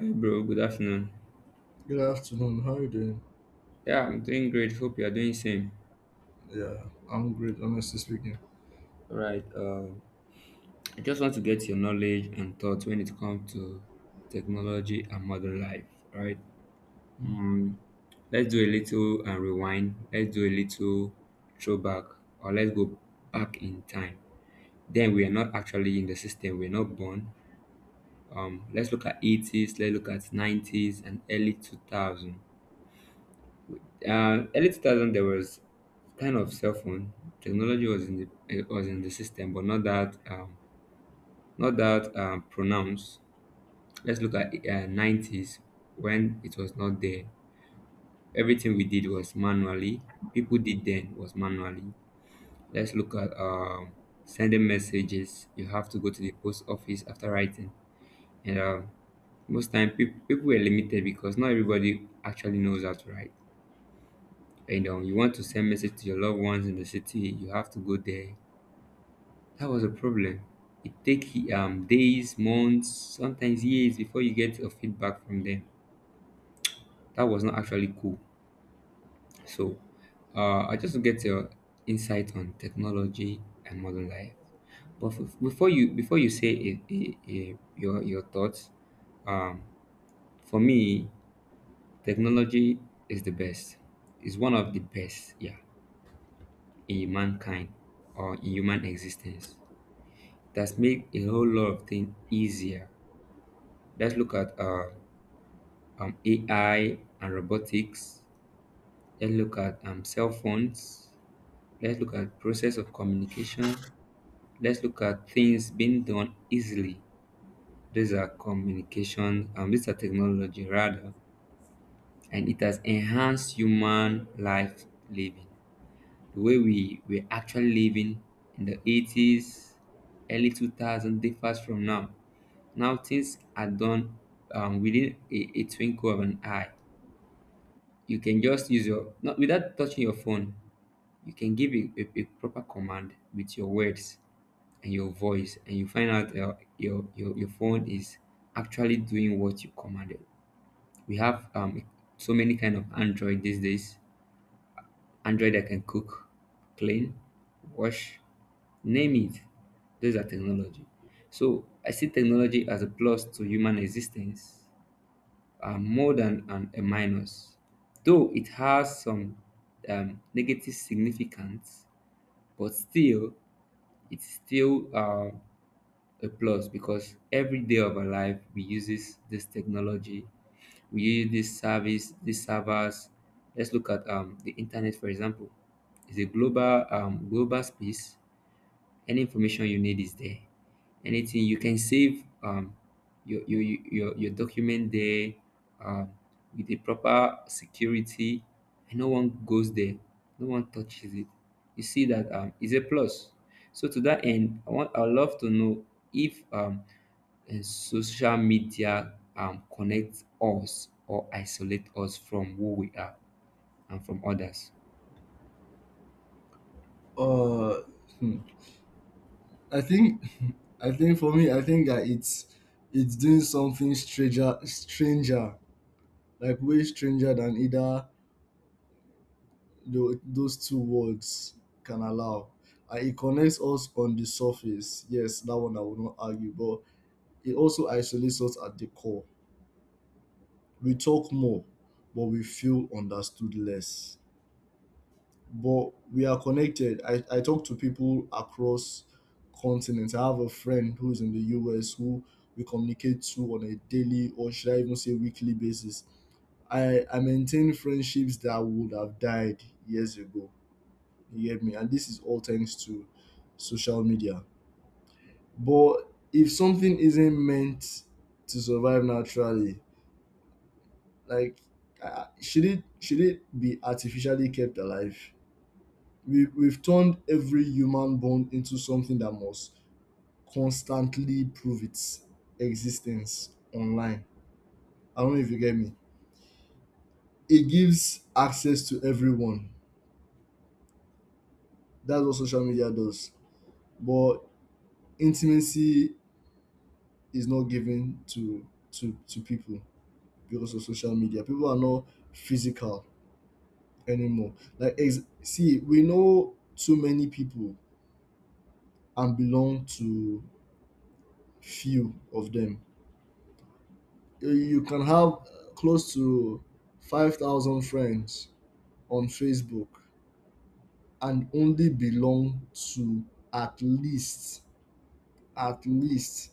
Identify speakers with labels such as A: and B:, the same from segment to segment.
A: Hey bro, good afternoon.
B: Good afternoon. How are you doing?
A: Yeah, I'm doing great. Hope you are doing same.
B: Yeah, I'm great, honestly speaking.
A: All right. I just want to get your knowledge and thoughts when it comes to technology and modern life. All right. Um, let's do a little and rewind. Let's do a little throwback, or let's go back in time. Then we are not actually in the system. We're not born. Let's look at 80's. Let's look at 90's and early 2000. Early 2000 there was kind of cell phone technology was in the system, but not that not that pronounced. Let's look at 90's when it was not there. Everything we did was manually. People did then was manually. Let's look at sending messages. You have to go to the post office after writing, and most time people were limited because not everybody actually knows how to write. You know, you want to send message to your loved ones in the city, you have to go there. That was a problem. It take days, months, sometimes years before you get a feedback from them. That was not actually cool. So, I just get your insight on technology and modern life. But before you say it, your thoughts, um, for me, technology is the best. It's one of the best, yeah, in mankind or in human existence. That's make a whole lot of things easier. Let's look at AI and robotics. Let's look at cell phones. Let's look at process of communication. Let's look at things being done easily. These are communication. These are technology rather, and it has enhanced human life living. The way we were actually living in the 80's, early 2000 differs from now. Now things are done within a twinkle of an eye. You can just use your, not without touching your phone, you can give a proper command with your words and your voice, and you find out your phone is actually doing what you commanded. We have so many kind of Android these days. Android I can cook, clean, wash, name it. Those are technology. So I see technology as a plus to human existence, more than a minus. Though it has some negative significance, but still, it's still a plus because every day of our life we use this technology, we use this service, these servers. Let's look at the internet, for example. It's a global global space. Any information you need is there. Anything you can save, your your your document there, um, with the proper security, and no one goes there, no one touches it. You see that is a plus. So to that end, I love to know if social media connects us or isolate us from who we are and from others.
B: Uh, hmm. I think, I think for me, I think that it's doing something stranger, like way stranger than either those two words can allow. And it connects us on the surface. Yes, that one I will not argue, but it also isolates us at the core. We talk more, but we feel understood less. But we are connected. I talk to people across continents. I have a friend who is in the US who we communicate to on a daily or should I even say weekly basis. I maintain friendships that would have died years ago. You get me? And this is all thanks to social media. But if something isn't meant to survive naturally, like should it be artificially kept alive? We've turned every human bond into something that must constantly prove its existence online. I don't know if you get me. It gives access to everyone. That's what social media does. But intimacy is not given to to people because of social media. People are not physical anymore. Like see, we know too many people and belong to few of them. You can have close to 5,000 friends on Facebook and only belong to at least at least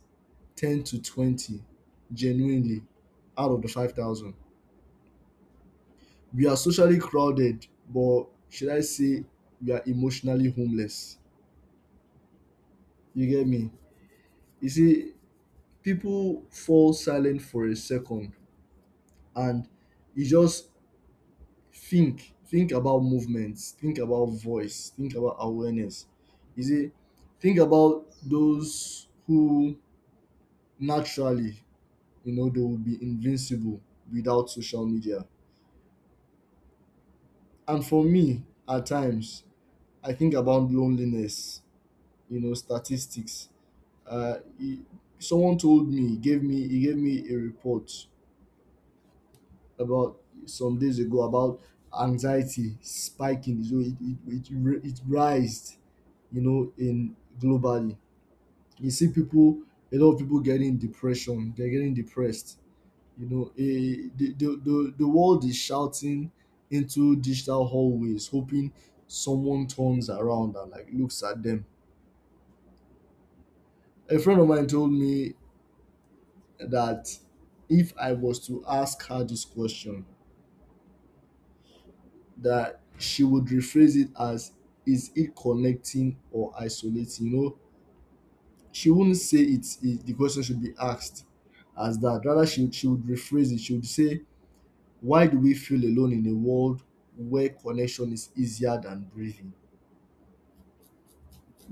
B: 10 to 20 genuinely out of the 5,000. We are socially crowded, but should I say we are emotionally homeless? You get me? You see, people fall silent for a second, and it just think about movements, think about voice, think about awareness. You see, think about those who naturally, you know, they will be invincible without social media. And for me, at times I think about loneliness. You know, statistics, uh he- someone told me, gave me he gave me a report about some days ago about anxiety spiking, so it rised, you know, in globally. You see people, a lot of people getting depression. They're getting depressed. You know, the world is shouting into digital hallways, hoping someone turns around and like looks at them. A friend of mine told me that if I was to ask her this question, that she would rephrase it as, is it connecting or isolating? You know, she wouldn't say it, it the question should be asked as that. Rather, she would rephrase it. She would say, why do we feel alone in a world where connection is easier than breathing?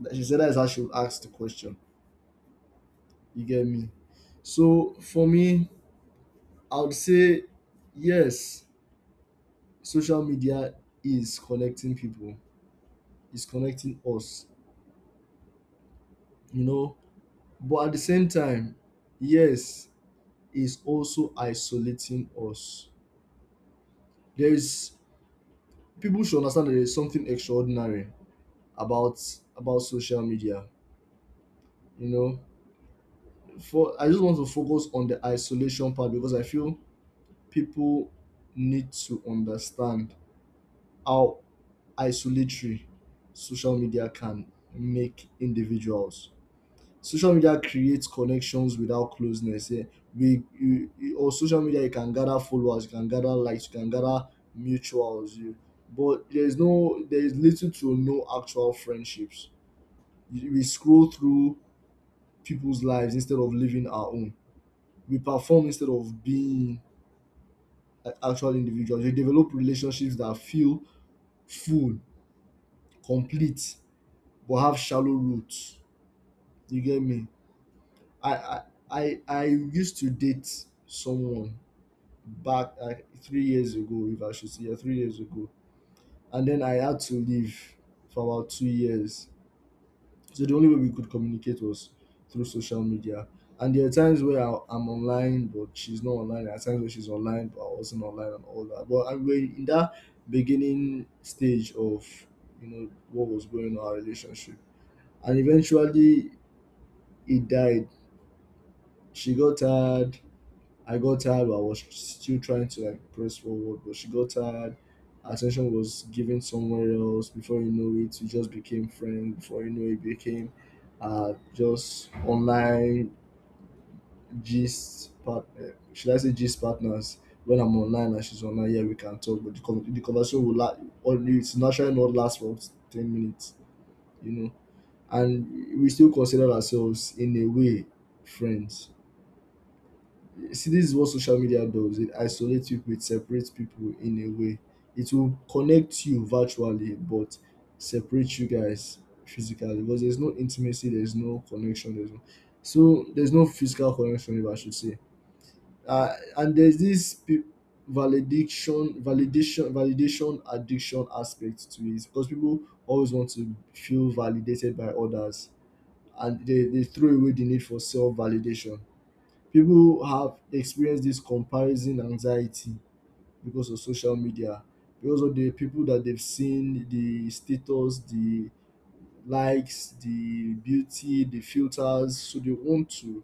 B: She said that is how she would ask the question. You get me? So for me, I would say yes, social media is connecting people, is connecting us, you know. But at the same time, yes, is also isolating us. There is people should understand that there is something extraordinary about social media. You know, for I just want to focus on the isolation part because I feel people need to understand how isolatory social media can make individuals. Social media creates connections without closeness. Yeah. We or social media, you can gather followers, you can gather likes, you can gather mutuals. You, but there is no there is little to no actual friendships. We scroll through people's lives instead of living our own. We perform instead of being like actual individuals. We develop relationships that feel full, complete, but have shallow roots. You get me? I I I used to date someone back like 3 years ago, if I should say, yeah, 3 years ago, and then I had to leave for about 2 years. So the only way we could communicate was through social media. And there are times where I'm online, but she's not online. There are times where she's online, but I wasn't online and all that. But I mean, in that beginning stage of, you know, what was going on in our relationship. And eventually it died. She got tired, I got tired, but I was still trying to like press forward. But she got tired. Her attention was given somewhere else. Before you know it, we just became friends. Before you know it, became just online gist part. Should I say gist partners? When I'm online and she's online, yeah, we can talk. But the conversation will last. It's naturally not last for 10 minutes, you know. And we still consider ourselves in a way friends. See, this is what social media does. It isolates people, it separates people in a way. It will connect you virtually, but separate you guys physically because there's no intimacy, there's no connection, there's no so there's no physical connection, if I should say. And there's this validation addiction aspect to it because people always want to feel validated by others, and they throw away the need for self validation. People have experienced this comparison anxiety because of social media, because of the people that they've seen, the status, the likes, the beauty, the filters. So they want to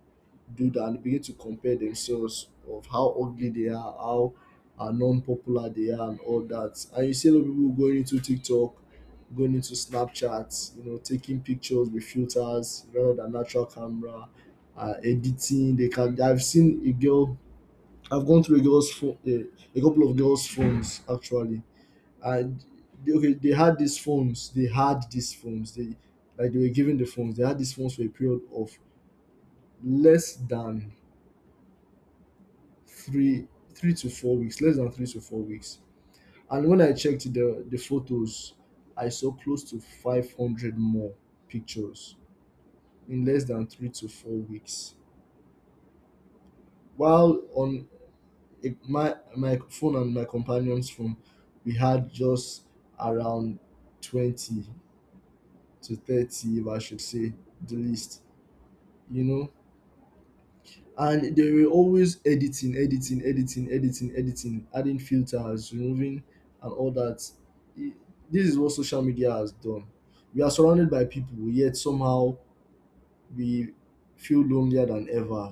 B: do that and begin to compare themselves of how ugly they are, how are non-popular they are, and all that. And you see a lot of people going into TikTok, going into Snapchat, you know, taking pictures with filters rather than natural camera, editing. They can. I've seen a girl I've gone through a girl's phone, a couple of girls' phones actually, and they, okay, they had these phones. They had these phones. They like they were given the phones. They had these phones for a period of less than 3 to 4 weeks. Less than 3 to 4 weeks. And when I checked the photos, I saw close to 500 more pictures in less than 3 to 4 weeks. While on it, my phone and my companion's phone, we had just around 20 to 30, if I should say, the least, you know. And they were always editing, adding filters, removing, and all that. I- This is what social media has done. We are surrounded by people, yet somehow we feel lonelier than ever,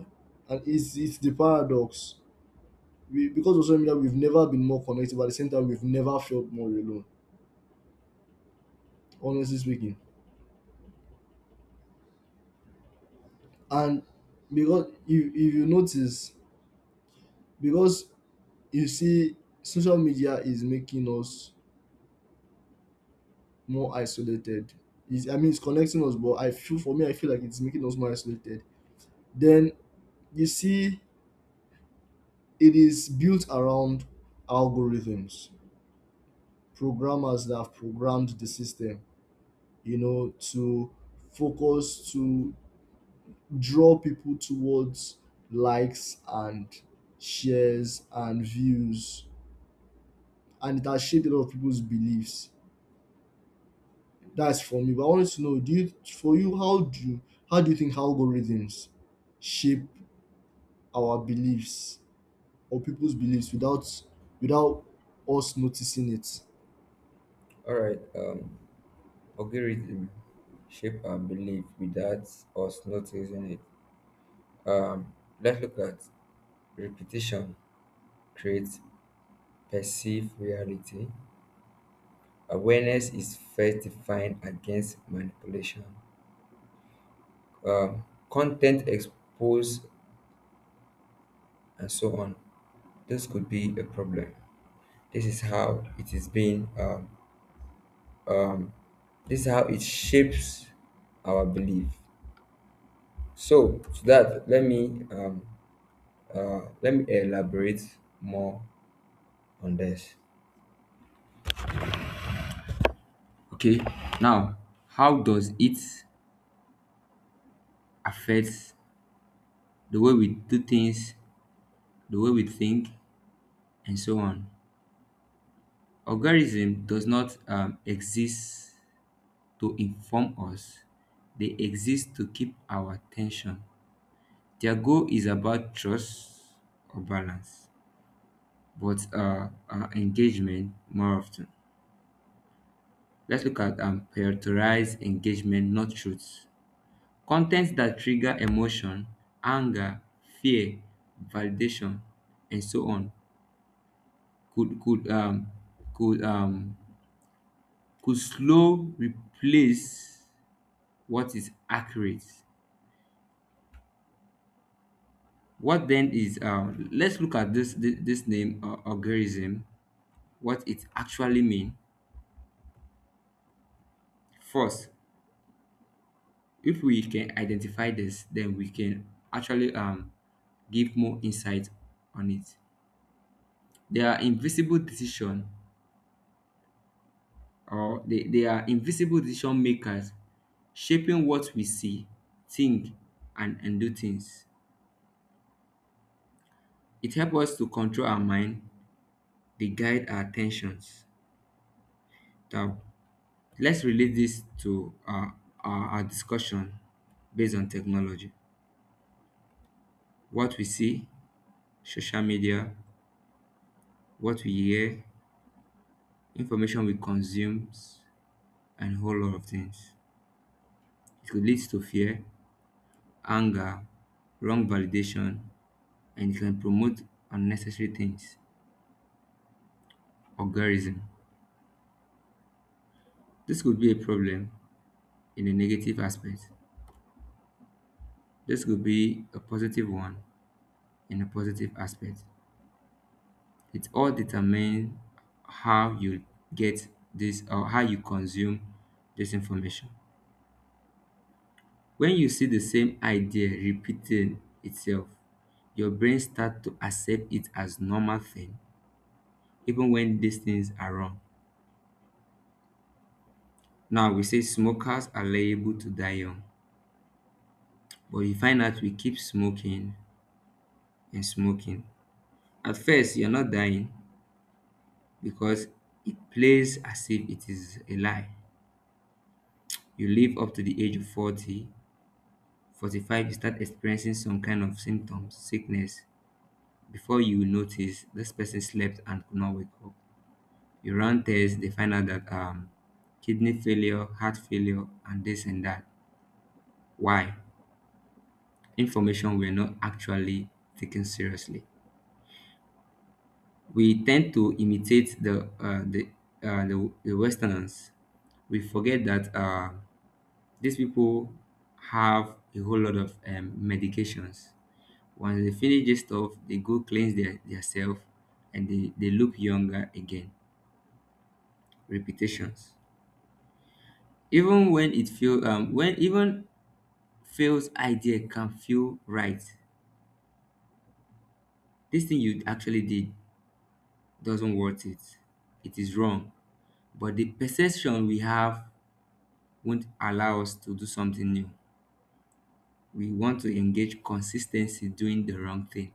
B: and it's the paradox. We because of social media, we've never been more connected, but at the same time we've never felt more alone, honestly speaking. And because if you notice, because you see, social media is making us more isolated. I mean, it's connecting us, but I feel for me I feel like it's making us more isolated. Then you see, it is built around algorithms, programmers that have programmed the system, you know, to focus to draw people towards likes and shares and views, and it has shaped a lot of people's beliefs. That's for me, but I wanted to know, do you for you, how do you how do you think algorithms shape our beliefs or people's beliefs without without us noticing it?
A: All right. Algorithm shape our belief without us noticing it. Um, let's look at repetition creates perceived reality. Awareness is first defined against manipulation. Um, Content exposed and so on. This could be a problem. This is how it is being. Um, this is how it shapes our belief. So to that, let me elaborate more on this. Okay, now how does it affect the way we do things, the way we think, and so on? Algorithm does not exist to inform us; they exist to keep our attention. Their goal is about trust or balance, but engagement more often. Let's look at prioritize engagement, not truth. Contents that trigger emotion, anger, fear, validation, and so on could could um could um could slow replace what is accurate. What then is let's look at this name or algorithm, what it actually mean. First, if we can identify this, then we can actually give more insight on it. There are invisible decision, or they are invisible decision makers shaping what we see, think, and do things. It helps us to control our mind, they guide our attentions. Now, let's relate this to our discussion based on technology. What we see, social media, what we hear, information we consume, and a whole lot of things. It could lead to fear, anger, wrong validation, and it can promote unnecessary things. Orgasm. This could be a problem in a negative aspect. This could be a positive one in a positive aspect. It all determines how you get this, or how you consume this information. When you see the same idea repeating itself, your brain starts to accept it as normal thing, even when these things are wrong. Now we say smokers are liable to die young, but you find out we keep smoking and smoking. At first, you're not dying because it plays as if it is a lie. You live up to the age of 40, 45. You start experiencing some kind of symptoms, sickness. Before you notice, this person slept and could not wake up. You run tests, they find out that kidney failure, heart failure, and this and that. Why? Information we're not actually taken seriously. We tend to imitate the the Westerners. We forget that these people have a whole lot of medications. Once they finish this stuff, they go cleanse their themselves, and they look younger again. Repetitions. Even when it feel when even fails idea can feel right. This thing you actually did doesn't worth it. It is wrong. But the perception we have won't allow us to do something new. We want to engage consistency doing the wrong thing.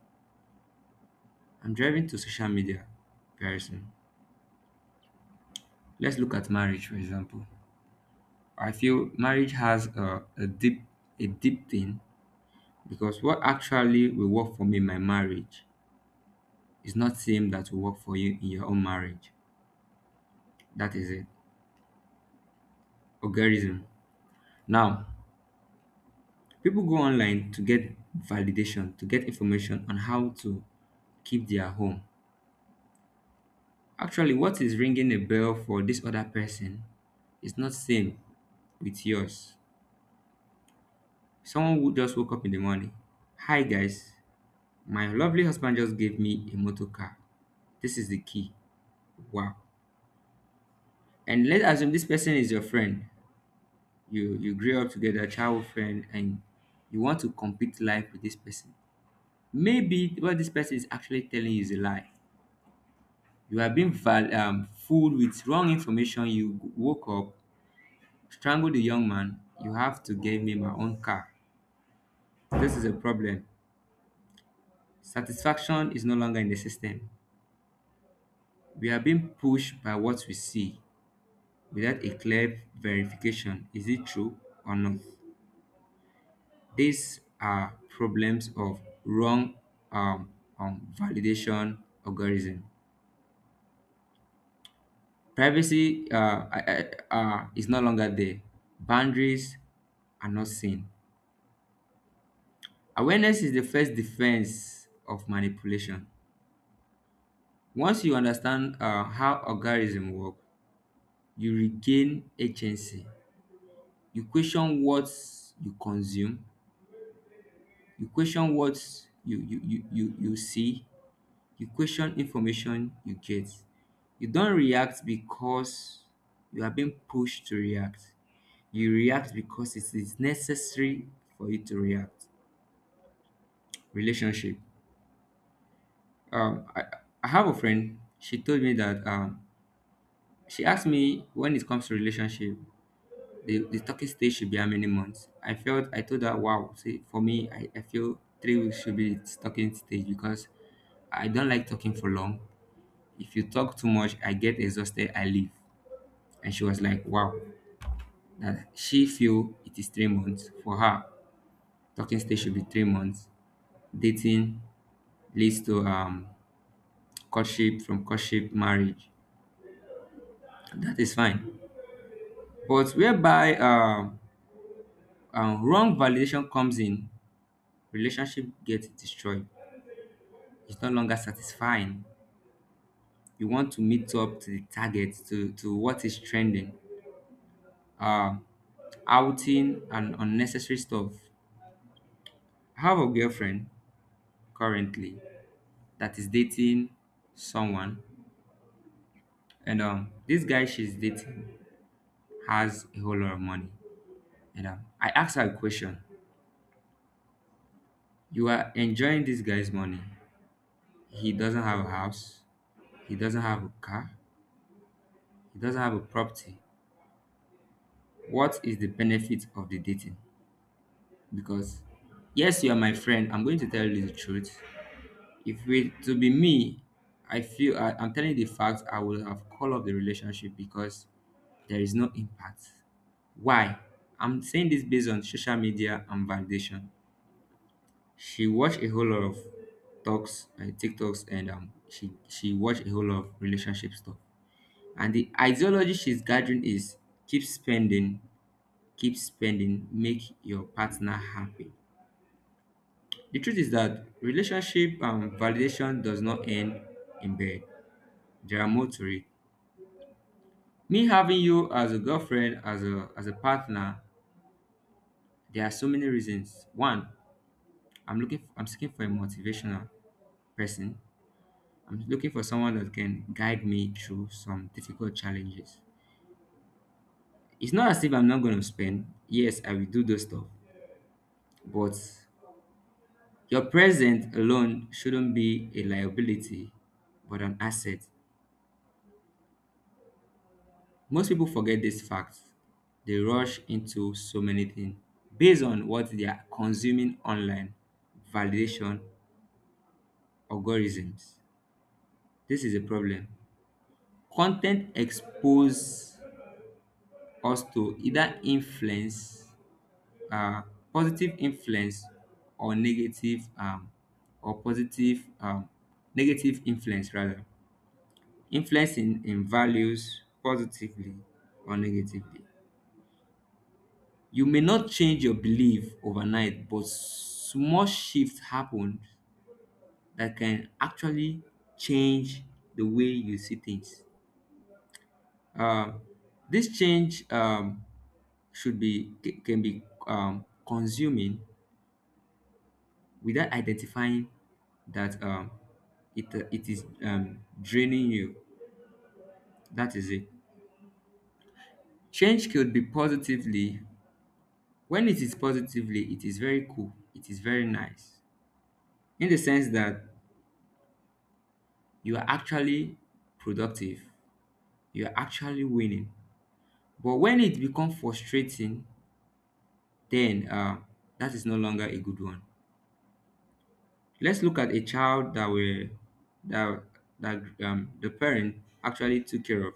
A: I'm driving to social media very soon. Let's look at marriage, for example. I feel marriage has a deep, a deep thing, because what actually will work for me in my marriage is not same that will work for you in your own marriage. That is it. Algorithm. Now, people go online to get validation, to get information on how to keep their home. Actually, what is ringing a bell for this other person is not same with yours. Someone who just woke up in the morning. Hi guys, my lovely husband just gave me a motor car. This is the key. Wow. And let's assume this person is your friend. You grew up together, childhood friend, and you want to compete life with this person. Maybe what this person is actually telling you is a lie. You have been fooled with wrong information. You woke up. Strangle the young man. You have to give me my own car. This is a problem. Satisfaction is no longer in the system. We are being pushed by what we see without a clear verification. Is it true or not? These are problems of wrong um, validation algorithm. Privacy, is no longer there. Boundaries are not seen. Awareness is the first defense of manipulation. Once you understand how algorithm work, you regain agency. You question what you consume, you question what you see, you question information you get. You don't react because you are being pushed to react. You react because it is necessary for you to react. Relationship. Um, I, I have a friend. She told me that she asked me when it comes to relationship. The talking stage should be how many months? I felt I told her, wow, see for me I feel 3 weeks should be the talking stage because I don't like talking for long. If you talk too much, I get exhausted, I leave. And she was like, wow, that she feel it is 3 months. For her, talking stage should be 3 months. Dating leads to courtship, from courtship, marriage. That is fine. But whereby wrong validation comes in, relationship gets destroyed. It's no longer satisfying. You want to meet up to the target, to what is trending, uh, outing and unnecessary stuff. I have a girlfriend currently that is dating someone, and this guy she's dating has a whole lot of money. And I asked her a question. You are enjoying this guy's money. He doesn't have a house, he doesn't have a car, he doesn't have a property. What is the benefit of the dating? Because yes, you are my friend, I'm going to tell you the truth. If it to be me, I'm telling you the fact, I would have called off the relationship because there is no impact. Why? I'm saying this based on social media and validation. She watched a whole lot of talks, tiktoks, and she watched a whole lot of relationship stuff, and the ideology she's gathering is keep spending, keep spending, make your partner happy. The truth is that relationship and validation does not end in bed. There are more to it. Me having you as a girlfriend, as a partner, there are so many reasons. One, I'm looking for, I'm seeking for a motivational person. I'm looking for someone that can guide me through some difficult challenges. It's not as if I'm not going to spend. Yes, I will do those stuff, but your presence alone shouldn't be a liability, but an asset. Most people forget this fact. They rush into so many things based on what they are consuming online: validation, algorithms. This is a problem. Content expose us to either influence, uh, positive influence, or negative, or positive, negative influence rather. Influence in values positively or negatively. You may not change your belief overnight, but small shifts happen that can actually change the way you see things. um this change can be consuming without identifying that it is draining you. That is it. Change could be positively. When it is positively, it is very cool, it is very nice, in the sense that you are actually productive, you are actually winning. But when it becomes frustrating, then that is no longer a good one. Let's look at a child that the parent actually took care of.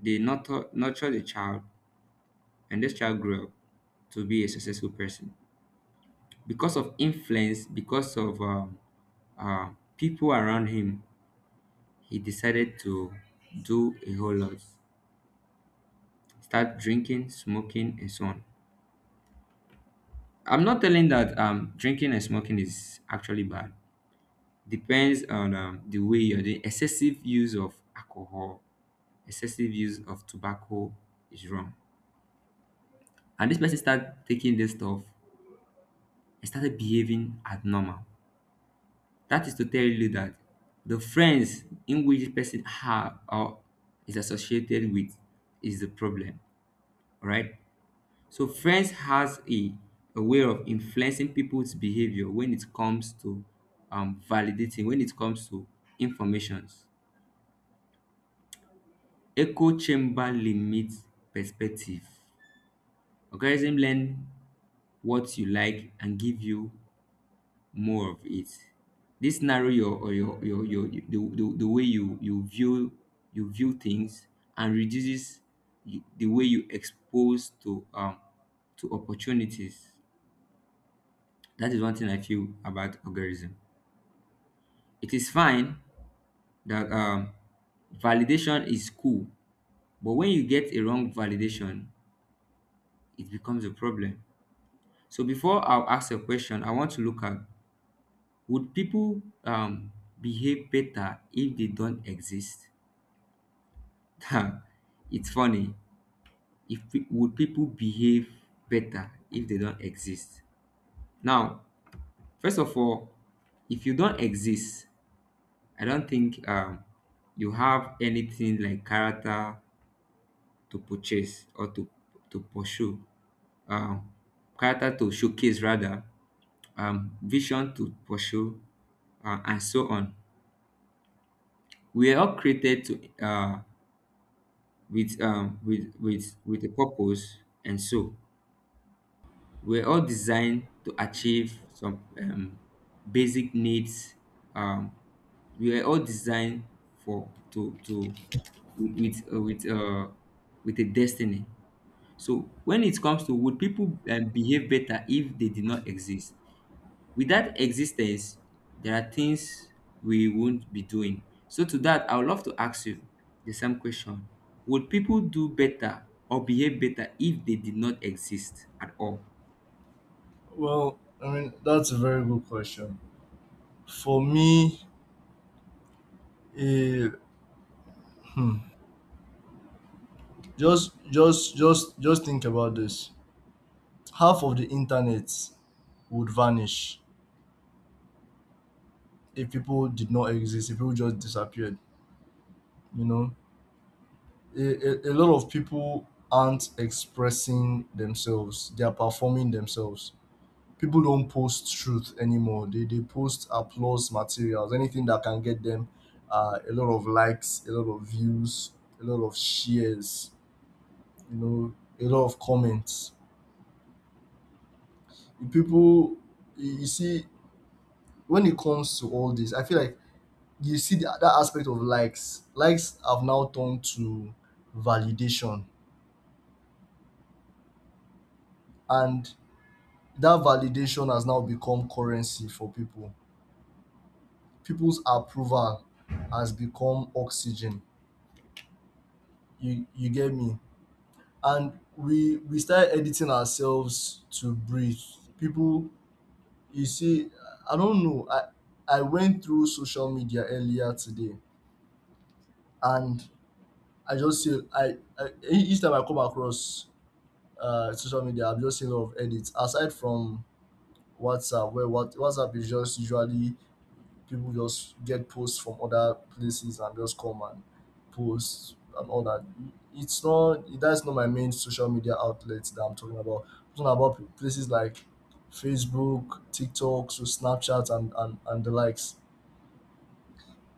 A: They nurture the child, and this child grew up to be a successful person because of influence, because of uh, people around him. He decided to do a whole lot, start drinking, smoking, and so on. I'm not telling that drinking and smoking is actually bad. Depends on the way you're doing. Excessive use of alcohol, excessive use of tobacco is wrong. And this person started taking this stuff and started behaving abnormal. That is to tell you that the friends in which the person have or is associated with is the problem, right? So friends has a way of influencing people's behavior when it comes to validating, when it comes to informations. Echo chamber limits perspective. Algorithm learn what you like and give you more of it. This narrow your or your your the way you, you view things and reduces the way you expose to opportunities. That is one thing I feel about algorithm. It is fine that validation is cool, but when you get a wrong validation, it becomes a problem. So before I'll ask a question, I want to look at, would people behave better if they don't exist? It's funny. If pe- Would people behave better if they don't exist? Now, first of all, if you don't exist, I don't think you have anything like character to purchase or to pursue, um, character to showcase rather, vision to pursue, and so on. We are all created to with a purpose and so. Were all designed to achieve some basic needs. Um, we were all designed for to with with uh, with, uh, with a destiny. So when it comes to, would people behave better if they did not exist? Without existence, there are things we won't be doing. So to that, I would love to ask you the same question: would people do better or behave better if they did not exist at all?
B: Well, I mean that's a very good question. For me, eh, hmm, just just just think about this. Half of the internet would vanish if people did not exist, if people just disappeared. You know, a lot of people aren't expressing themselves, they are performing themselves. People don't post truth anymore, they post applause materials, anything that can get them a lot of likes, a lot of views, a lot of shares, you know, a lot of comments. People, you see, when it comes to all this, I feel like you see that, that aspect of likes likes have now turned to validation, and that validation has now become currency for people. People's approval has become oxygen. You get me? And we start editing ourselves to breathe. People, you see, I don't know, I went through social media earlier today and I each time I come across social media, I've just seen a lot of edits. Aside from WhatsApp, where what WhatsApp is just usually people just get posts from other places and just come and post and all that. It's not that's not my main social media outlet that I'm talking about. I'm talking about places like Facebook, TikTok, so Snapchat and, and the likes.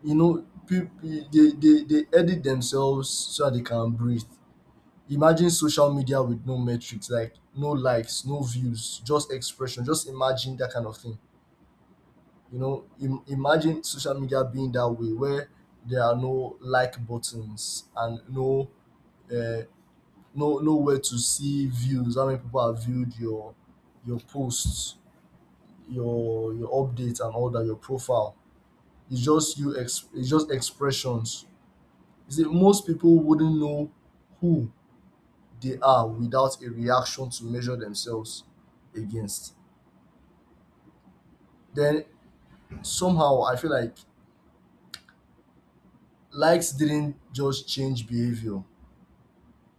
B: You know, people they edit themselves so that they can breathe. Imagine social media with no metrics like no likes, no views, just expression. Just imagine that kind of thing. You know, imagine social media being that way where there are no like buttons and no uh, no nowhere to see views. How many people have viewed your posts, your updates and all that, your profile. It's just you. It's just expressions. You see, most people wouldn't know who they are without a reaction to measure themselves against. Then somehow I feel like likes didn't just change behavior.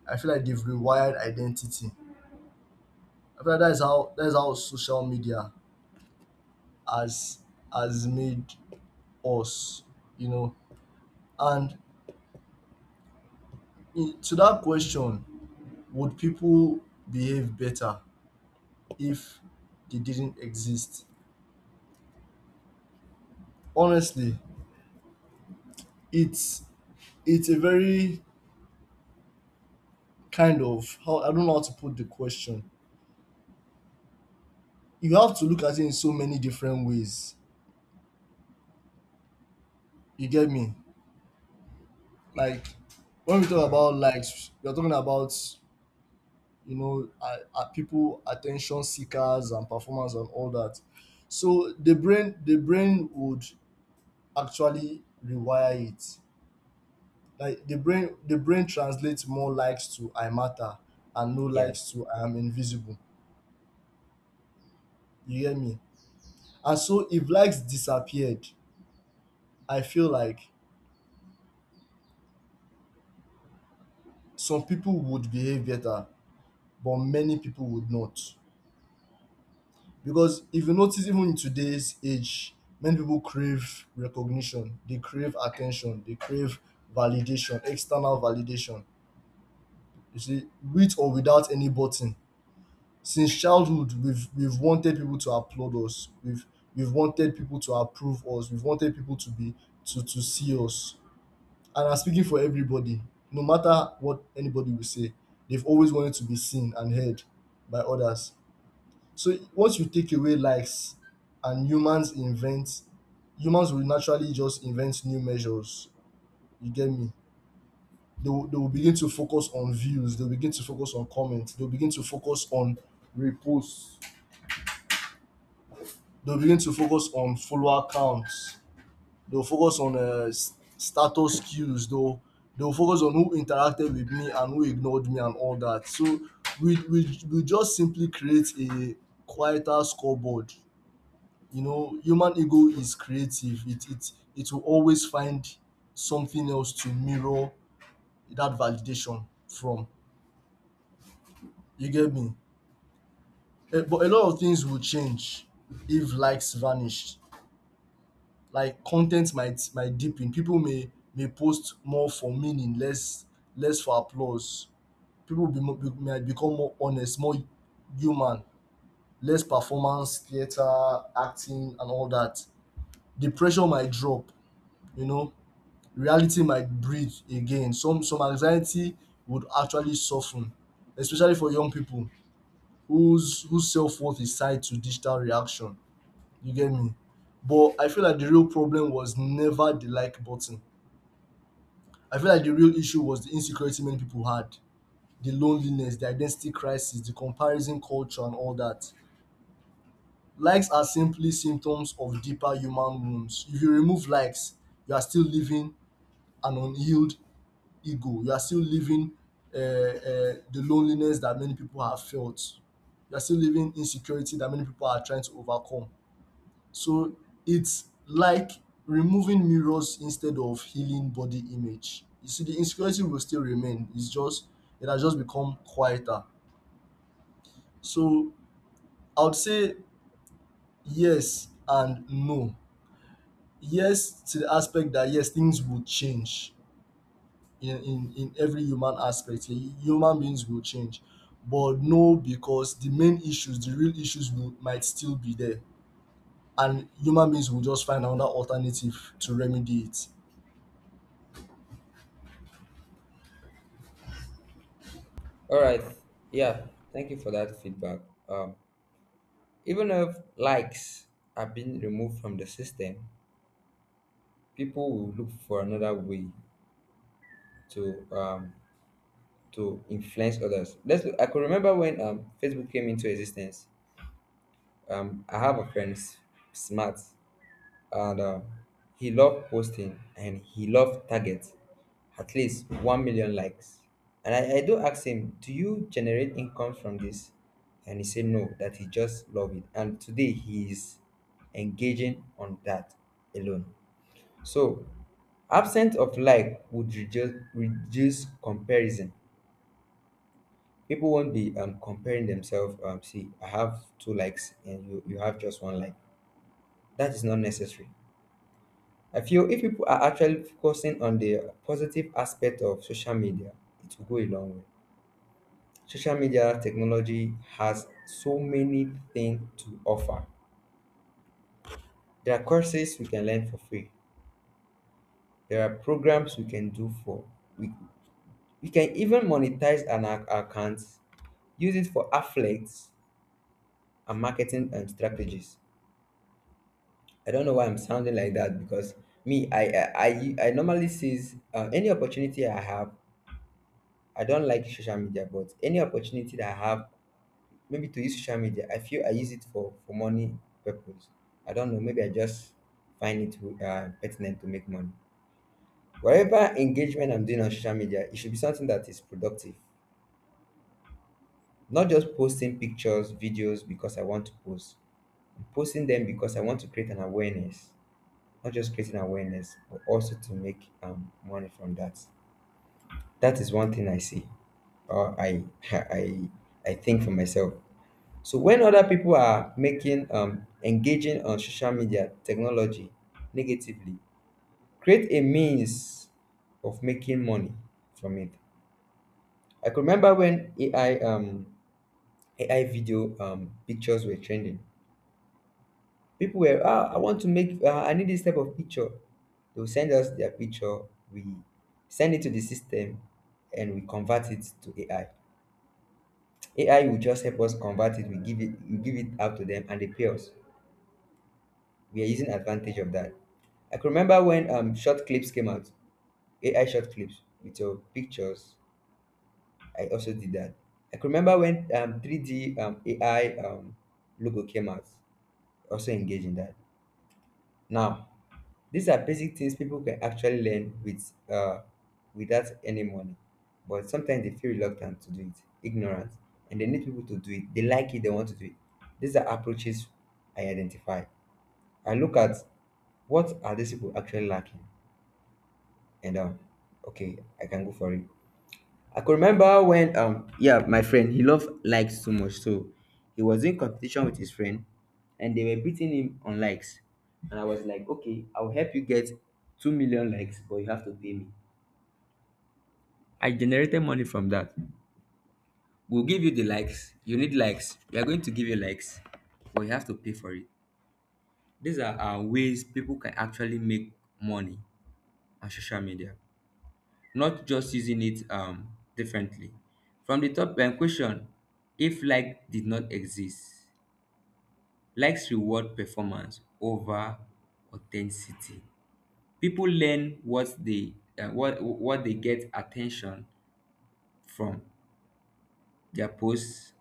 B: I feel like they've rewired identity. I feel like that's how social media has has made us, you know. And in, to that question, would people behave better if they didn't exist? Honestly, it's it's a very kind of how, I don't know how to put the question. You have to look at it in so many different ways. You get me? Like when we talk about likes, we are talking about, you know, are people attention seekers and performers and all that. So the brain would actually rewire it. Like the brain translates more likes to I matter, and no likes to I am invisible. You hear me? And so if likes disappeared, I feel like some people would behave better, but many people would not. Because if you notice, even in today's age, many people crave recognition, they crave attention, they crave validation, external validation. You see, with or without any button, since childhood, we've wanted people to applaud us. We've wanted people to approve us. We've wanted people to be, to see us. And I'm speaking for everybody, no matter what anybody will say, they've always wanted to be seen and heard by others. So once you take away likes and humans invent, humans will naturally just invent new measures. You get me? They will begin to focus on views, they'll begin to focus on comments, they'll begin to focus on reposts, they'll begin to focus on follower counts. They'll focus on status cues. They'll focus on who interacted with me and who ignored me and all that. So we just simply create a quieter scoreboard. You know, human ego is creative. It will always find something else to mirror that validation from. You get me? But a lot of things will change if likes vanish. Like content might deepen. People may post more for meaning, less for applause. People might become more honest, more human, less performance, theater, acting, and all that. The pressure might drop. You know, reality might breathe again. Some anxiety would actually soften, especially for young people whose self worth is tied to digital reaction. You get me? But I feel like the real problem was never the like button. I feel like the real issue was the insecurity many people had, the loneliness, the identity crisis, the comparison culture, and all that. Likes are simply symptoms of deeper human wounds. If you remove likes, you are still living an unhealed ego. You are still living the loneliness that many people have felt. You are still living insecurity that many people are trying to overcome. So it's like removing mirrors instead of healing body image. You see, the insecurity will still remain. It has just become quieter. So I would say yes and no. Yes to the aspect that yes, things will change in, in, every human aspect. Human beings will change. But no, because the main issues, the real issues will, might still be there. And human beings will just find another alternative to remedy it.
A: All right. Yeah, thank you for that feedback. Um, Even if likes are being removed from the system, people will look for another way to um, to influence others. Let's. I could remember when Facebook came into existence. I have a friend, Smart. And he loved posting and he loved targets at least 1 million likes. And I do ask him, do you generate income from this? And he said no, that he just love it, and today he is engaging on that alone. So absence of like would reduce comparison. People won't be comparing themselves. See, I have two likes and you have just one like. That is not necessary. I feel if people are actually focusing on the positive aspect of social media, it will go a long way. Social media technology has so many things to offer. There are courses we can learn for free. There are programs we can do for. We, we can even monetize an account, use it for affiliates and marketing and strategies. I don't know why I'm sounding like that, because me, I normally seize any opportunity I have. I don't like social media, but any opportunity that I have, maybe to use social media, I feel I use it for money purpose. I don't know. Maybe I just find it pertinent to make money. Whatever engagement I'm doing on social media, it should be something that is productive. Not just posting pictures, videos because I want to post. I'm posting them because I want to create an awareness. Not just creating awareness, but also to make money from that. That is one thing I see, or I I I think for myself. So when other people are making engaging on social media technology negatively, create a means of making money from it. I could remember when AI video pictures were trending. People were, ah, I want to make, I need this type of picture. They'll send us their picture. We send it to the system, and we convert it to AI. AI will just help us convert it. We give it out to them, and they pay us. We are using advantage of that. I can remember when short clips came out, AI short clips with your pictures. I also did that. I can remember when 3D AI logo came out. Also engage in that. Now, these are basic things people can actually learn with without any money, but sometimes they feel reluctant to do it, ignorant, and they need people to do it. They like it, they want to do it. These are approaches I identify. I look at, what are these people actually lacking, and okay, I can go for it. I could remember when yeah, my friend, he loved likes too much, so he was in competition with his friend, and they were beating him on likes, and I was like, okay, I'll help you get 2 million likes, but you have to pay me. I generated money from that. We'll give you the likes you need. Likes, we are going to give you likes, but you have to pay for it. These are ways people can actually make money on social media, not just using it differently. From the top question, if like did not exist, likes reward performance over authenticity. People learn what they what they get attention from, their posts,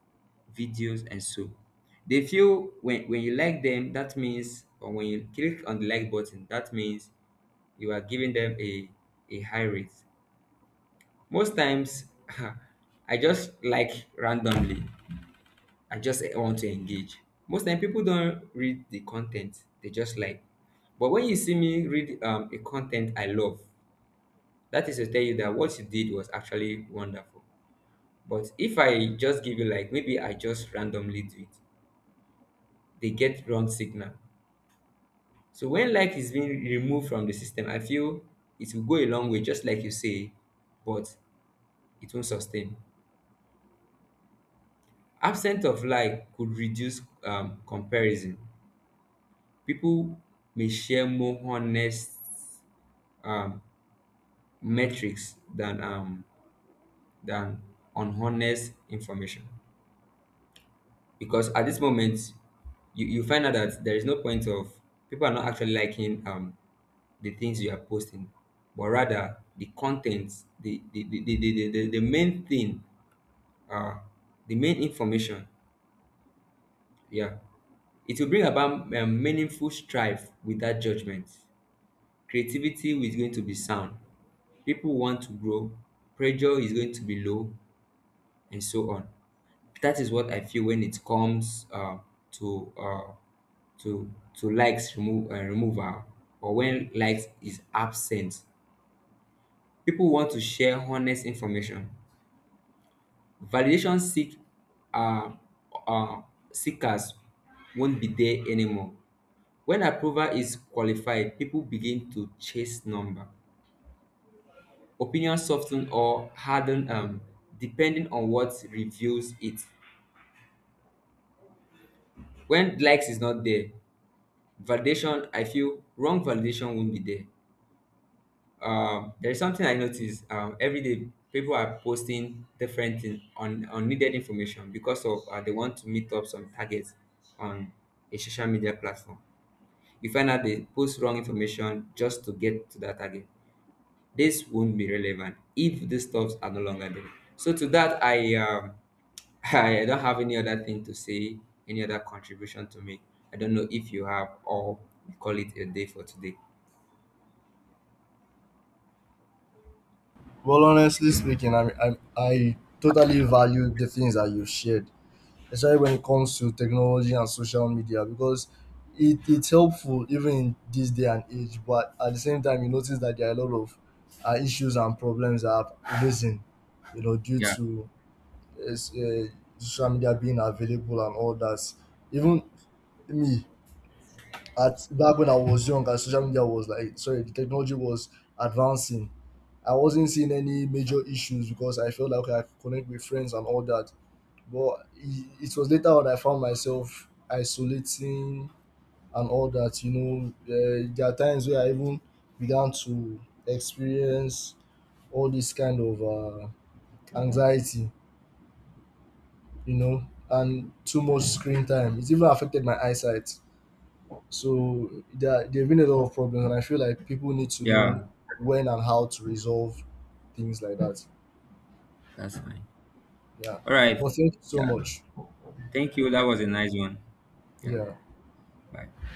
A: videos, and so. They feel when you like them, that means, or when you click on the like button, that means you are giving them a high rate. Most times, I just like randomly. I just want to engage. Most time, people don't read the content; they just like. But when you see me read a content I love, that is to tell you that what you did was actually wonderful. But if I just give you like, maybe I just randomly do it, they get wrong signal. So when like is being removed from the system, I feel it will go a long way, just like you say, but it won't sustain. Absence of lie could reduce comparison. People may share more honest um, metrics than unhonest information, because at this moment you find out that there is no point of, people are not actually liking the things you are posting, but rather the content, the main thing, uh, the main information. Yeah. It will bring about meaningful strife without judgment. Creativity is going to be sound. People want to grow. Pressure is going to be low, and so on. That is what I feel when it comes to uh, to likes removal, or when likes is absent. People want to share honest information. Validation uh, uh, seekers won't be there anymore. When approval is qualified, people begin to chase number. Opinion soften or harden depending on what reveals it. When likes is not there, validation, I feel wrong validation won't be there. There's something I notice every day. People are posting different things on unneeded information because of they want to meet up some targets on a social media platform. You find out they post wrong information just to get to that target. This won't be relevant if these stuffs are no longer there. So to that, I I don't have any other thing to say, any other contribution to make. I don't know if you have, or we call it a day for today.
B: Well, honestly speaking, I totally value the things that you've shared, especially when it comes to technology and social media, because it's helpful even in this day and age. But at the same time, you notice that there are a lot of issues and problems that have arisen, you know, due
A: Yeah,
B: to uh, s- uh, social media being available and all that. Even me, at back when I was young and social media was like, sorry, the technology was advancing. I wasn't seeing any major issues because I felt like, okay, I could connect with friends and all that. But it was later on I found myself isolating and all that. You know, there are times where I even began to experience all this kind of anxiety. You know, and too much screen time. It even affected my eyesight. So there have been a lot of problems, and I feel like people need to
A: yeah,
B: know when and how to resolve things like that.
A: that's fine.
B: Yeah.
A: All right.
B: But thank you so
A: Yeah,
B: much.
A: thank you. That was a nice one. Yeah.
B: Yeah.
A: Bye.